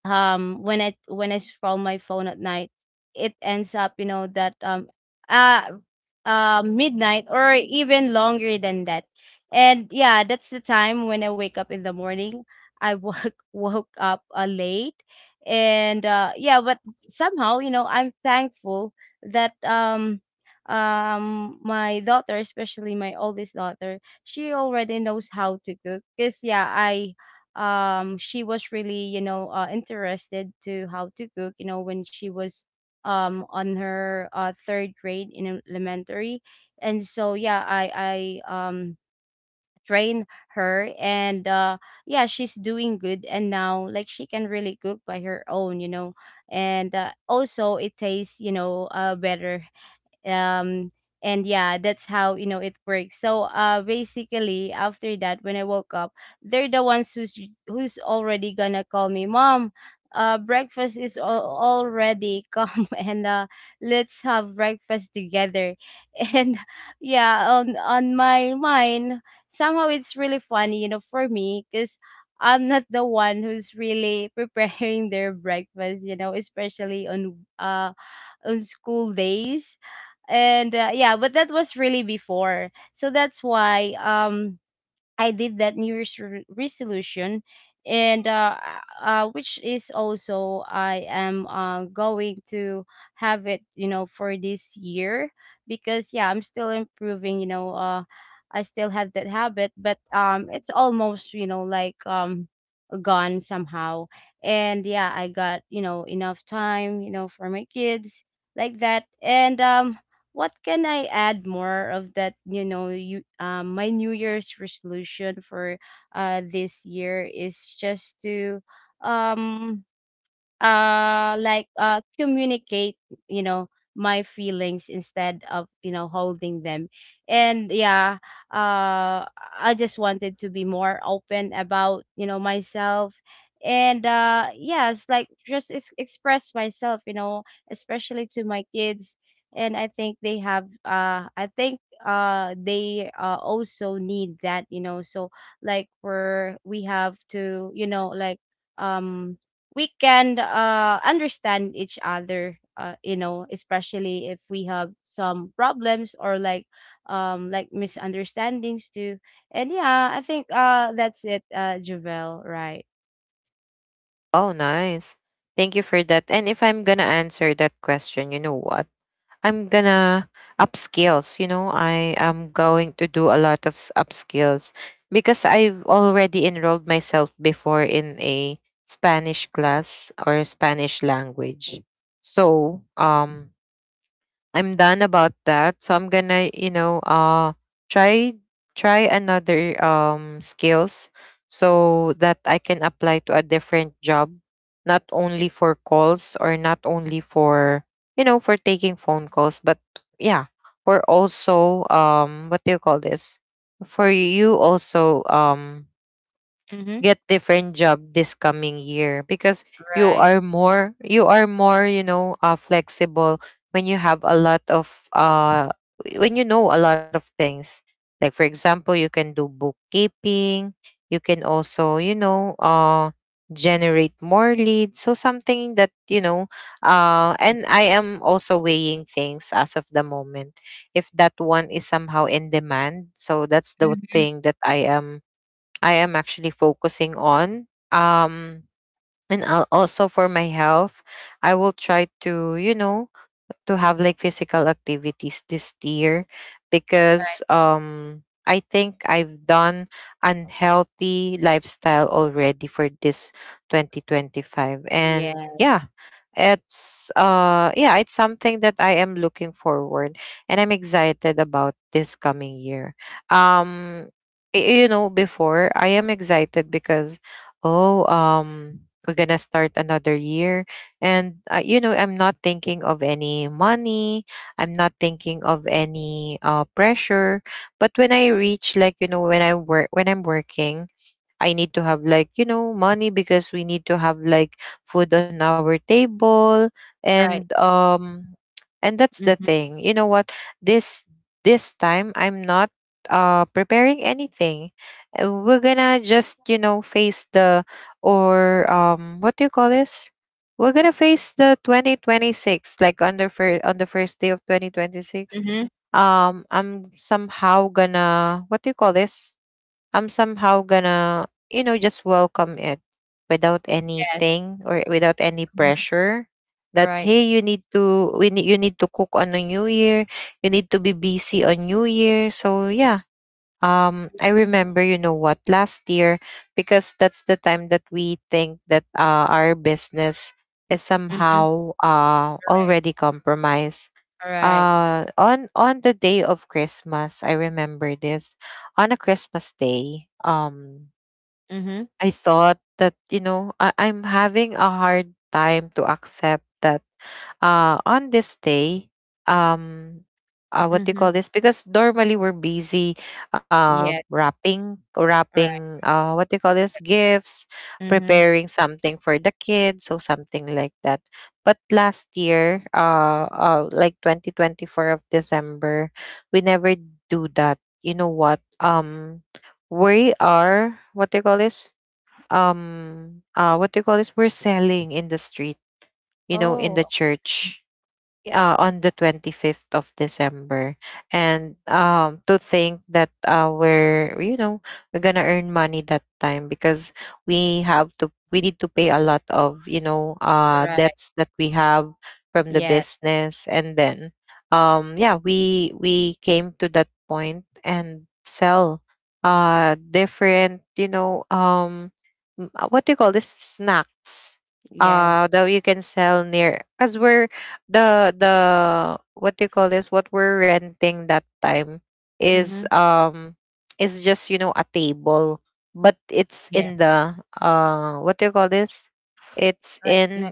S2: When I scroll my phone at night, it ends up, you know, that uh midnight or even longer than that. And yeah, that's the time when I wake up in the morning. I woke woke up late. And yeah, but somehow, you know, I'm thankful that my daughter, especially my oldest daughter, she already knows how to cook. Because yeah, I she was really, you know, interested to how to cook, you know, when she was on her third grade in elementary. And so yeah, I trained her. And yeah, she's doing good. And now, like, she can really cook by her own, you know. And also it tastes, you know, better. um and yeah, that's how, you know, it works. So basically after that, when I woke up, they're the ones who's already gonna call me, mom, breakfast is already come, and let's have breakfast together. And yeah, on my mind, somehow it's really funny, you know, for me, because I'm not the one who's really preparing their breakfast, you know, especially on school days. And yeah, but that was really before. So that's why I did that new Year's resolution. And which is also, I am going to have it, you know, for this year. Because yeah, I'm still improving, you know. I still have that habit, but it's almost, you know, like gone somehow. And yeah, I got, you know, enough time, you know, for my kids, like that. And what can I add more of that? You know, you my New Year's resolution for this year is just to um communicate, you know, my feelings instead of, you know, holding them. And yeah, uh I just wanted to be more open about, you know, myself. And yes, like just express myself, you know, especially to my kids. And I think they have I think they also need that, you know. So like we have to, you know, like, um we can understand each other, you know, especially if we have some problems or like misunderstandings too. And yeah, I think that's it, Javel, right?
S1: Oh, nice. Thank you for that. And if I'm gonna answer that question, you know what? I'm gonna upskills. You know, I am going to do a lot of upskills because I've already enrolled myself before in a Spanish class, or Spanish language. So, I'm done about that. So I'm gonna, you know, try try another, skills, so that I can apply to a different job, not only for calls, or not only for, you know, for taking phone calls, but yeah, for also, what do you call this? For you also,
S2: Mm-hmm.
S1: get different job this coming year, because you
S2: Right.
S1: are more you are more you know, flexible when you have a lot of when you know a lot of things, like for example you can do bookkeeping, you can also, you know, generate more leads, so something that you know. And I am also weighing things as of the moment if that one is somehow in demand. So that's the
S2: Mm-hmm.
S1: thing that I am actually focusing on. And I'll also, for my health, I will try to, you know, to have like physical activities this year,
S2: Right.
S1: because I think I've done unhealthy lifestyle already for this 2025. And
S2: Yeah.
S1: yeah, it's something that I am looking forward, and I'm excited about this coming year. um you know, before I am excited because, oh, we're gonna start another year, and, you know, I'm not thinking of any money, I'm not thinking of any, pressure. But when I reach, like, you know, when I work, when I'm working, I need to have like, you know, money, because we need to have like food on our table.
S2: Right.
S1: And um and that's the
S2: Mm-hmm.
S1: thing. You know what? This this time I'm not preparing anything. We're gonna just, you know, face the or what do you call this? We're gonna face the 2026, like on the first day of 2026.
S2: Mm-hmm.
S1: I'm somehow gonna What do you call this? I'm somehow gonna, you know, just welcome it without
S2: Yes.
S1: anything, or without any
S2: Mm-hmm.
S1: pressure that,
S2: Right.
S1: hey, you need to cook on a new year, you need to be busy on new year. So yeah, I remember, you know what, last year, because that's the time that we think that, our business is
S2: Mm-hmm.
S1: somehow
S2: Right.
S1: already compromised.
S2: All right.
S1: On the day of Christmas, I remember this, on a Christmas day.
S2: Mm-hmm.
S1: I thought that, you know, I'm having a hard time to accept that, on this day, um, what do you
S2: Mm-hmm.
S1: call this? Because normally we're busy,
S2: Yes.
S1: wrapping,
S2: Right.
S1: wrapping, what do you call this? Gifts,
S2: Mm-hmm.
S1: preparing something for the kids, so something like that. But last year, like 2024 of December, we never do that. You know what? We are, what do you call this, we're selling in the street, you know, in the
S2: Oh,
S1: church, on the 25th of December. And, to think that, we're, you know, we're going to earn money that time, because we need to pay a lot of, you know,
S2: right.
S1: debts that we have from the
S2: Yes.
S1: business. And then, yeah, we came to that point and sell, different, you know, what do you call this? Snacks
S2: Yes.
S1: that you can sell near, because we're the what do you call this, what we're renting that time is,
S2: Mm-hmm.
S1: is just, a table, but it's
S2: Yeah.
S1: in the, what do you call this, it's
S2: like,
S1: in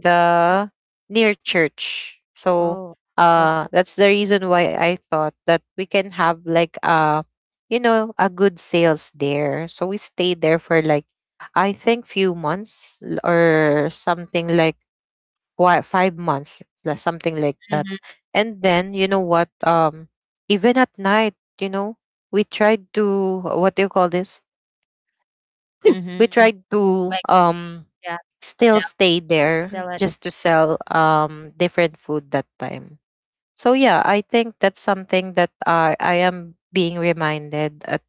S2: like
S1: the, near church, so
S2: oh, okay.
S1: that's the reason why I thought that we can have like a you know a good sales there, so we stayed there for like, I think, few months, or something like, why 5 months, something like that.
S2: Mhm,
S1: And then, you know what, even at night, we tried to, what do you call this?
S2: mhm.
S1: We tried
S2: Like,
S1: to,
S2: yeah, sell
S1: still stay
S2: sell it.
S1: there, just to sell, different food that time. So yeah, I think that's something that, I am being reminded at.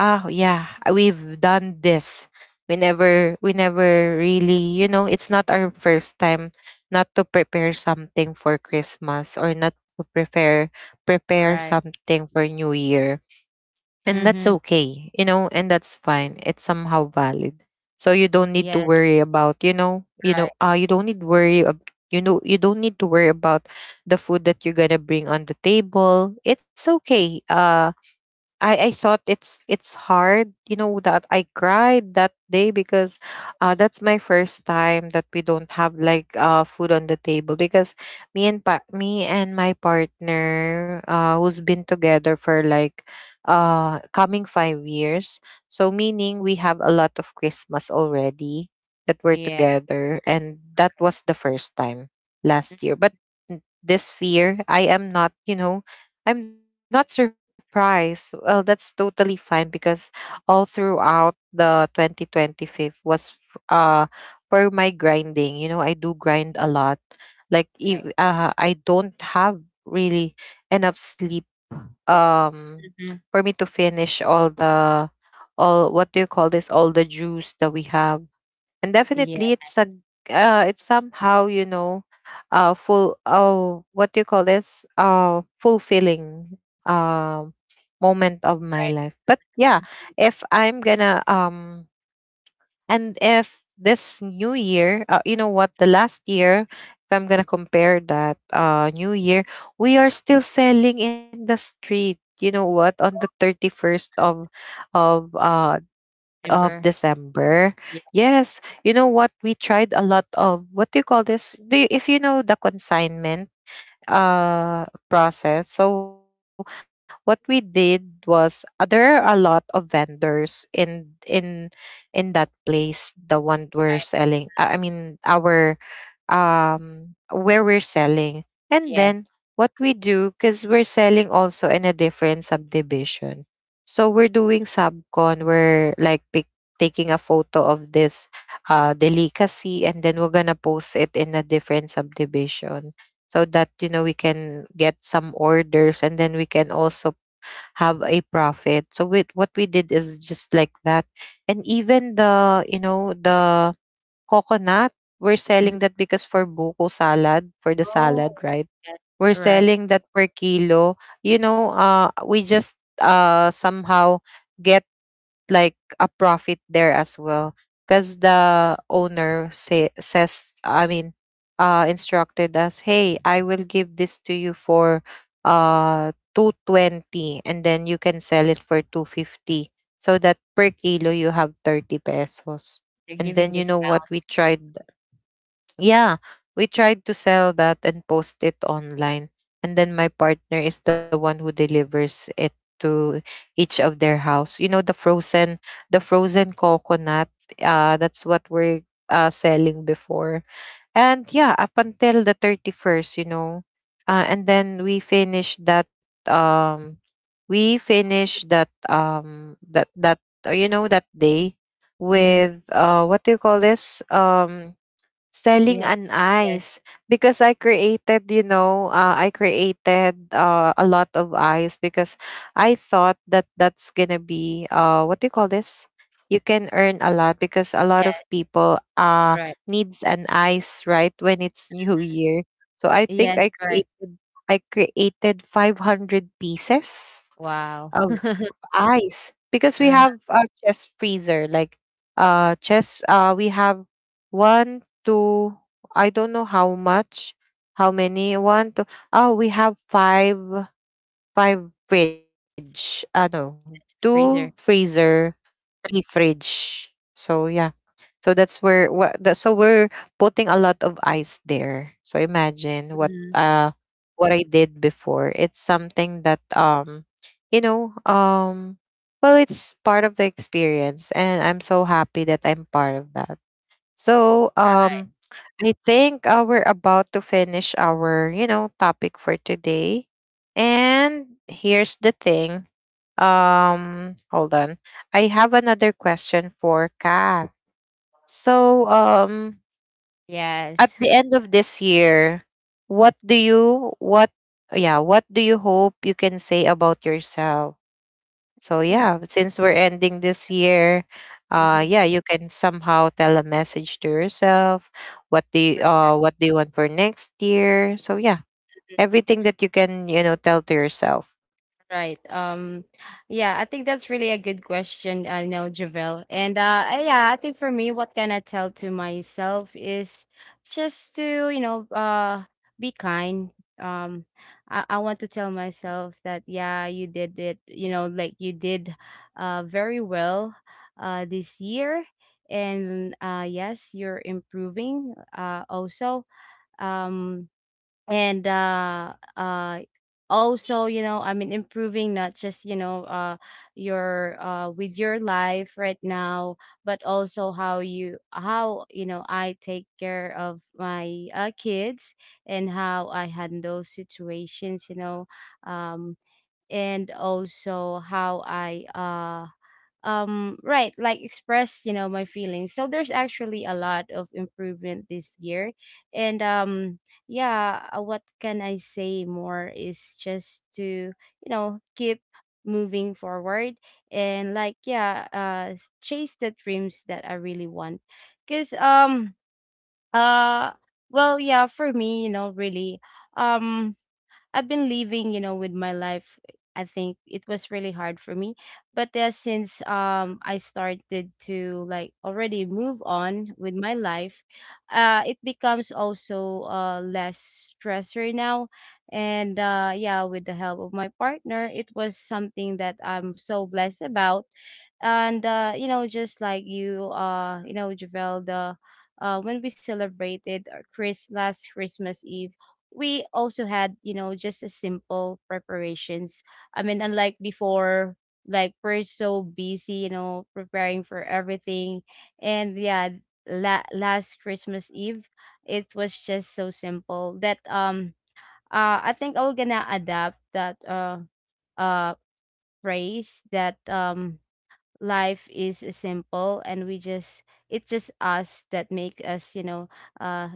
S1: Yeah, we've done this. We never really, it's not our first time not to prepare something for Christmas, or not to prepare
S2: Right.
S1: something for New Year, and that's
S2: Mhm.
S1: okay, and that's fine. It's somehow valid. So you don't
S2: Yes,
S1: need to worry about,
S2: right.
S1: you don't need to worry about the food that you're gonna bring on the table. It's okay. I thought it's hard, that I cried that day, because, that's my first time that we don't have like, food on the table, because me and my partner, who's been together for like, coming 5 years, so meaning we have a lot of Christmas already that we're
S2: Yeah.
S1: together, and that was the first time
S2: Right.
S1: last year. But this year, I am not, you know I'm not surprised. Well, that's totally fine because all throughout the 2025 was, for my grinding. You know, I do grind a lot. Like, if,
S2: Right.
S1: I don't have really enough sleep, um
S2: Mhm.
S1: for me to finish all the, all what do you call this, all the juice that we have, and
S2: Yeah,
S1: definitely it's a, it's somehow, full oh, what do you call this, fulfilling, moment of my
S2: right.
S1: life. But yeah, if I'm gonna, and if this new year, you know what, the last year, if I'm gonna compare that, new year, we are still selling in the street, you know what, on the 31st of, of uh of
S2: Remember.
S1: December.
S2: Yeah.
S1: Yes, you know what? We tried a lot of, what do you call this? If you know the consignment, process. So what we did was, there are a lot of vendors in that place. The one we're selling. I mean our, where we're selling. And
S2: Yes.
S1: then what we do, because we're selling also in a different subdivision, so we're doing subcon, we're like taking a photo of this, delicacy, and then we're gonna post it in a different subdivision, so that, you know, we can get some orders, and then we can also have a profit. So with, what we did is just like that. And even the, the coconut, we're
S2: Mhm.
S1: selling that because, for buko salad, for the
S2: Oh,
S1: salad, right?
S2: yes.
S1: We're
S2: Right.
S1: selling that per kilo. You know, we just, somehow, get like a profit there as well, because the owner says, I mean, instructed us, hey, I will give this to you for, 220, and then you can sell it for 250, so that per kilo you have 30 pesos.
S2: They're
S1: And
S2: giving
S1: then, you know what,
S2: discount.
S1: we tried yeah, we tried to sell that and post it online. And then my partner is the one who delivers it to each of their house. You know, the frozen coconut, that's what we're, selling before. And yeah, up until the 31st, you know. And then we finished that, um we finished that um that that that day
S2: Mhm.
S1: with, what do you call this,
S2: Do
S1: selling
S2: you have?
S1: an
S2: Yes,
S1: ice, because I created, a lot of ice, because I thought that that's gonna be, what do you call this? You can earn a lot because a lot
S2: yes,
S1: of people,
S2: right.
S1: needs an ice, right, when it's New Year. So I think
S2: Yes,
S1: I
S2: right.
S1: created I created 500 pieces
S2: Wow.
S1: of ice, because we
S2: Uh-huh.
S1: have a chest freezer like, chest, we have one, two, I don't know how many, one, two, oh, we have five, five fridge, no, two
S2: Freezer.
S1: freezer, three fridge, so yeah. So that's where, what that, so we're putting a lot of ice there. So imagine what
S2: Mhm.
S1: uh what I did before. It's something that, you know um well, it's part of the experience, and I'm so happy that I'm part of that. So,
S2: Right.
S1: I think, we're about to finish our, topic for today. And here's the thing. Hold on. I have another question for Kat. So, at
S2: Yes.
S1: the end of this year, what do you what yeah, what do you hope you can say about yourself? So
S2: Mm.
S1: yeah, since we're ending this year, yeah, you can somehow tell a message to yourself. What do you want for next year? So yeah, everything that you can, tell to yourself.
S2: Right. Yeah, I think that's really a good question, I know, Javel. And I- yeah, I think for me, what can I tell to myself is just to, be kind. Um, I want to tell myself that yeah, you did it, you know, like you did very well this year. And yes, you're improving also. Um, and also, you know, I mean improving not just, you know, your with your life right now, but also how you how, you know, I take care of my kids, and how I handle situations, you know. um and also how I right, like express, you know, my feelings. So there's actually a lot of improvement this year. And yeah, what can I say more is just to, you know, keep moving forward, and like yeah, chase the dreams that I really want. Because um uh well yeah, for me, you know, really, um I've been living, you know, with my life. I think it was really hard for me, but since I started to like already move on with my life, it becomes also less stressor now. And yeah, with the help of my partner, it was something that I'm so blessed about. And you know, just like you you know, Javel, the when we celebrated our Chris- last Christmas Eve, we also had, you know, just a simple preparations. I mean, unlike before, like we're so busy, you know, preparing for everything. And yeah, la- last Christmas Eve, it was just so simple that I think I will gonna adapt that uh phrase that life is simple, and we just, it's just us that make us, you know, uh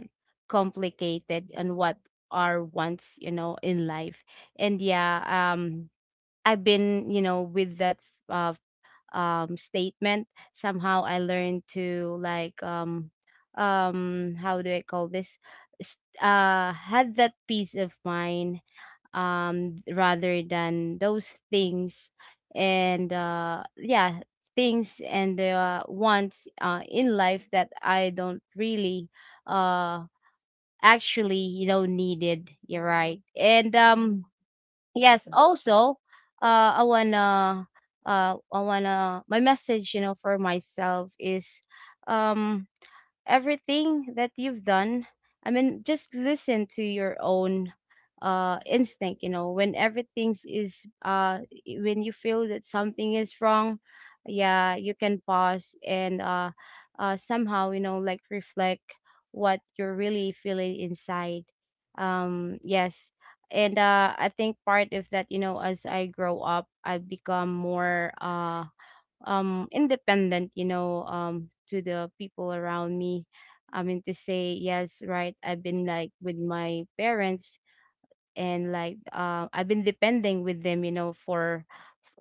S2: complicated and what are wants, you know, in life. And yeah, I've been, you know, with that uh statement. Somehow I learned to like how do I call this, had that peace of mind, rather than those things and yeah, things and wants in life that I don't really uh actually, you know, needed. You're right. And yes, also, uh i wanna I wanna my message, you know, for myself is um everything that you've done. I mean, just listen to your own instinct, you know, when everything is when you feel that something is wrong. Yeah, you can pause, and somehow, you know, like reflect what you're really feeling inside. Yes. And I think part of that, you know, as I grow up, I've become more independent, you know, to the people around me. I mean to say, yes, right, I've been like with my parents, and like I've been depending with them, you know, for,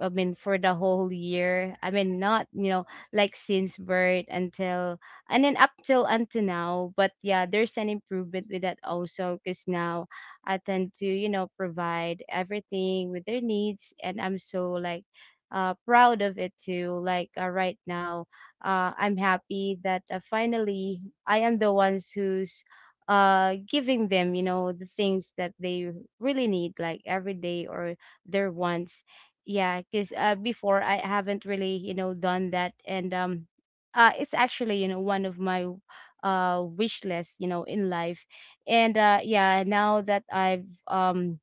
S2: I mean, for the whole year. I mean, not, you know, like since birth until, and then up till until now. But yeah, there's an improvement with that also, because now I tend to, you know, provide everything with their needs, and I'm so like proud of it too. Like right now, I'm happy that finally I am the ones who's giving them, you know, the things that they really need, like every day, or their wants. Yeah, because before, I haven't really, you know, done that. And it's actually, you know, one of my wish list, you know, in life. And yeah, now that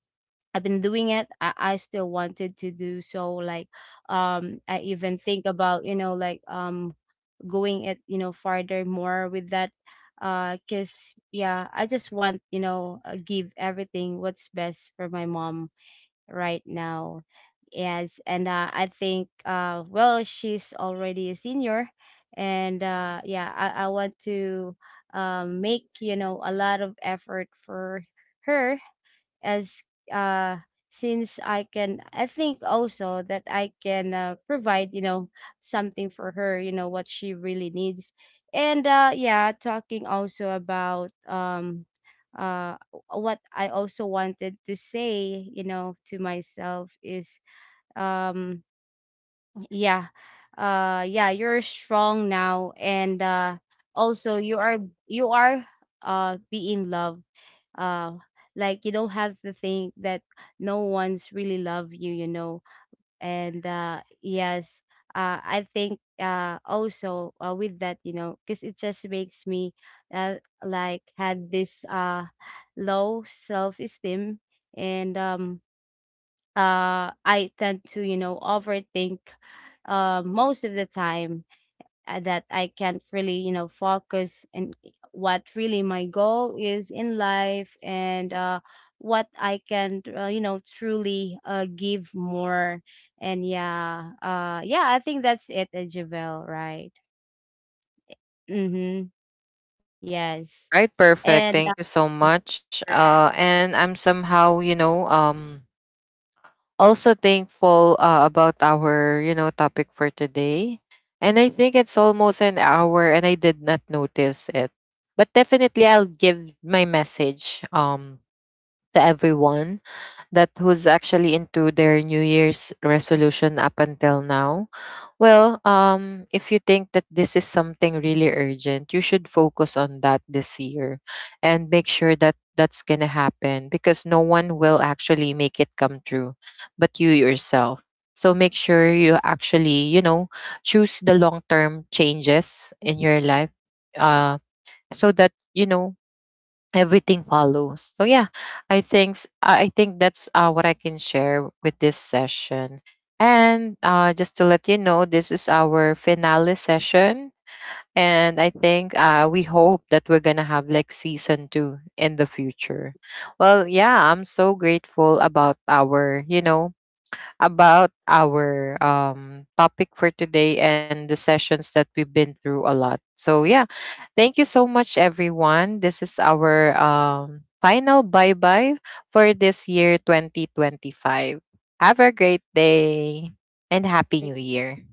S2: I've been doing it, I still wanted to do so. Like I even think about, you know, like going it, you know, farther more with that because yeah, I just want, you know, give everything what's best for my mom right now. Yes. And I think well, she's already a senior. And yeah, I want to make, you know, a lot of effort for her, as uh since I can. I think also that I can provide, you know, something for her, you know, what she really needs. And yeah, talking also about uh what I also wanted to say, you know, to myself is um yeah, yeah, you're strong now, and also you are, you are being loved. uh like you don't have to think that no one's really love you, you know. And yes, I think also, with that, you know, because it just makes me uh, like had this low self-esteem. And I tend to, you know, overthink most of the time, that I can't really, you know, focus in eh, what really my goal is in life, and what I can, you know, truly give more. And yeah, I think that's it, Javel, right? Mm-hmm. Yes.
S1: Right,
S2: And
S1: perfect. Thank you so much.
S2: right.
S1: And I'm somehow, also thankful, about our, topic for today, and I think it's almost an hour, and I did not notice it. But definitely I'll give my message, to everyone that who's actually into their New Year's resolution up until now. Well, if you think that this is something really urgent, you should focus on that this year, and make sure that that's going to happen, because no one will actually make it come true but you yourself. So make sure you actually, choose the long term changes in your life, uh, so that, you know, everything follows. So yeah, I think that's, what I can share with this session. And just to let you know, this is our finale session, and I think, we hope that we're gonna have
S2: Right.
S1: like season two in the future. Well, yeah, I'm so grateful about our, topic for today, and the sessions that we've been through a lot. So yeah, thank you so much, everyone. This is our, final bye bye for this year 2025. Have a great day, and Happy New Year.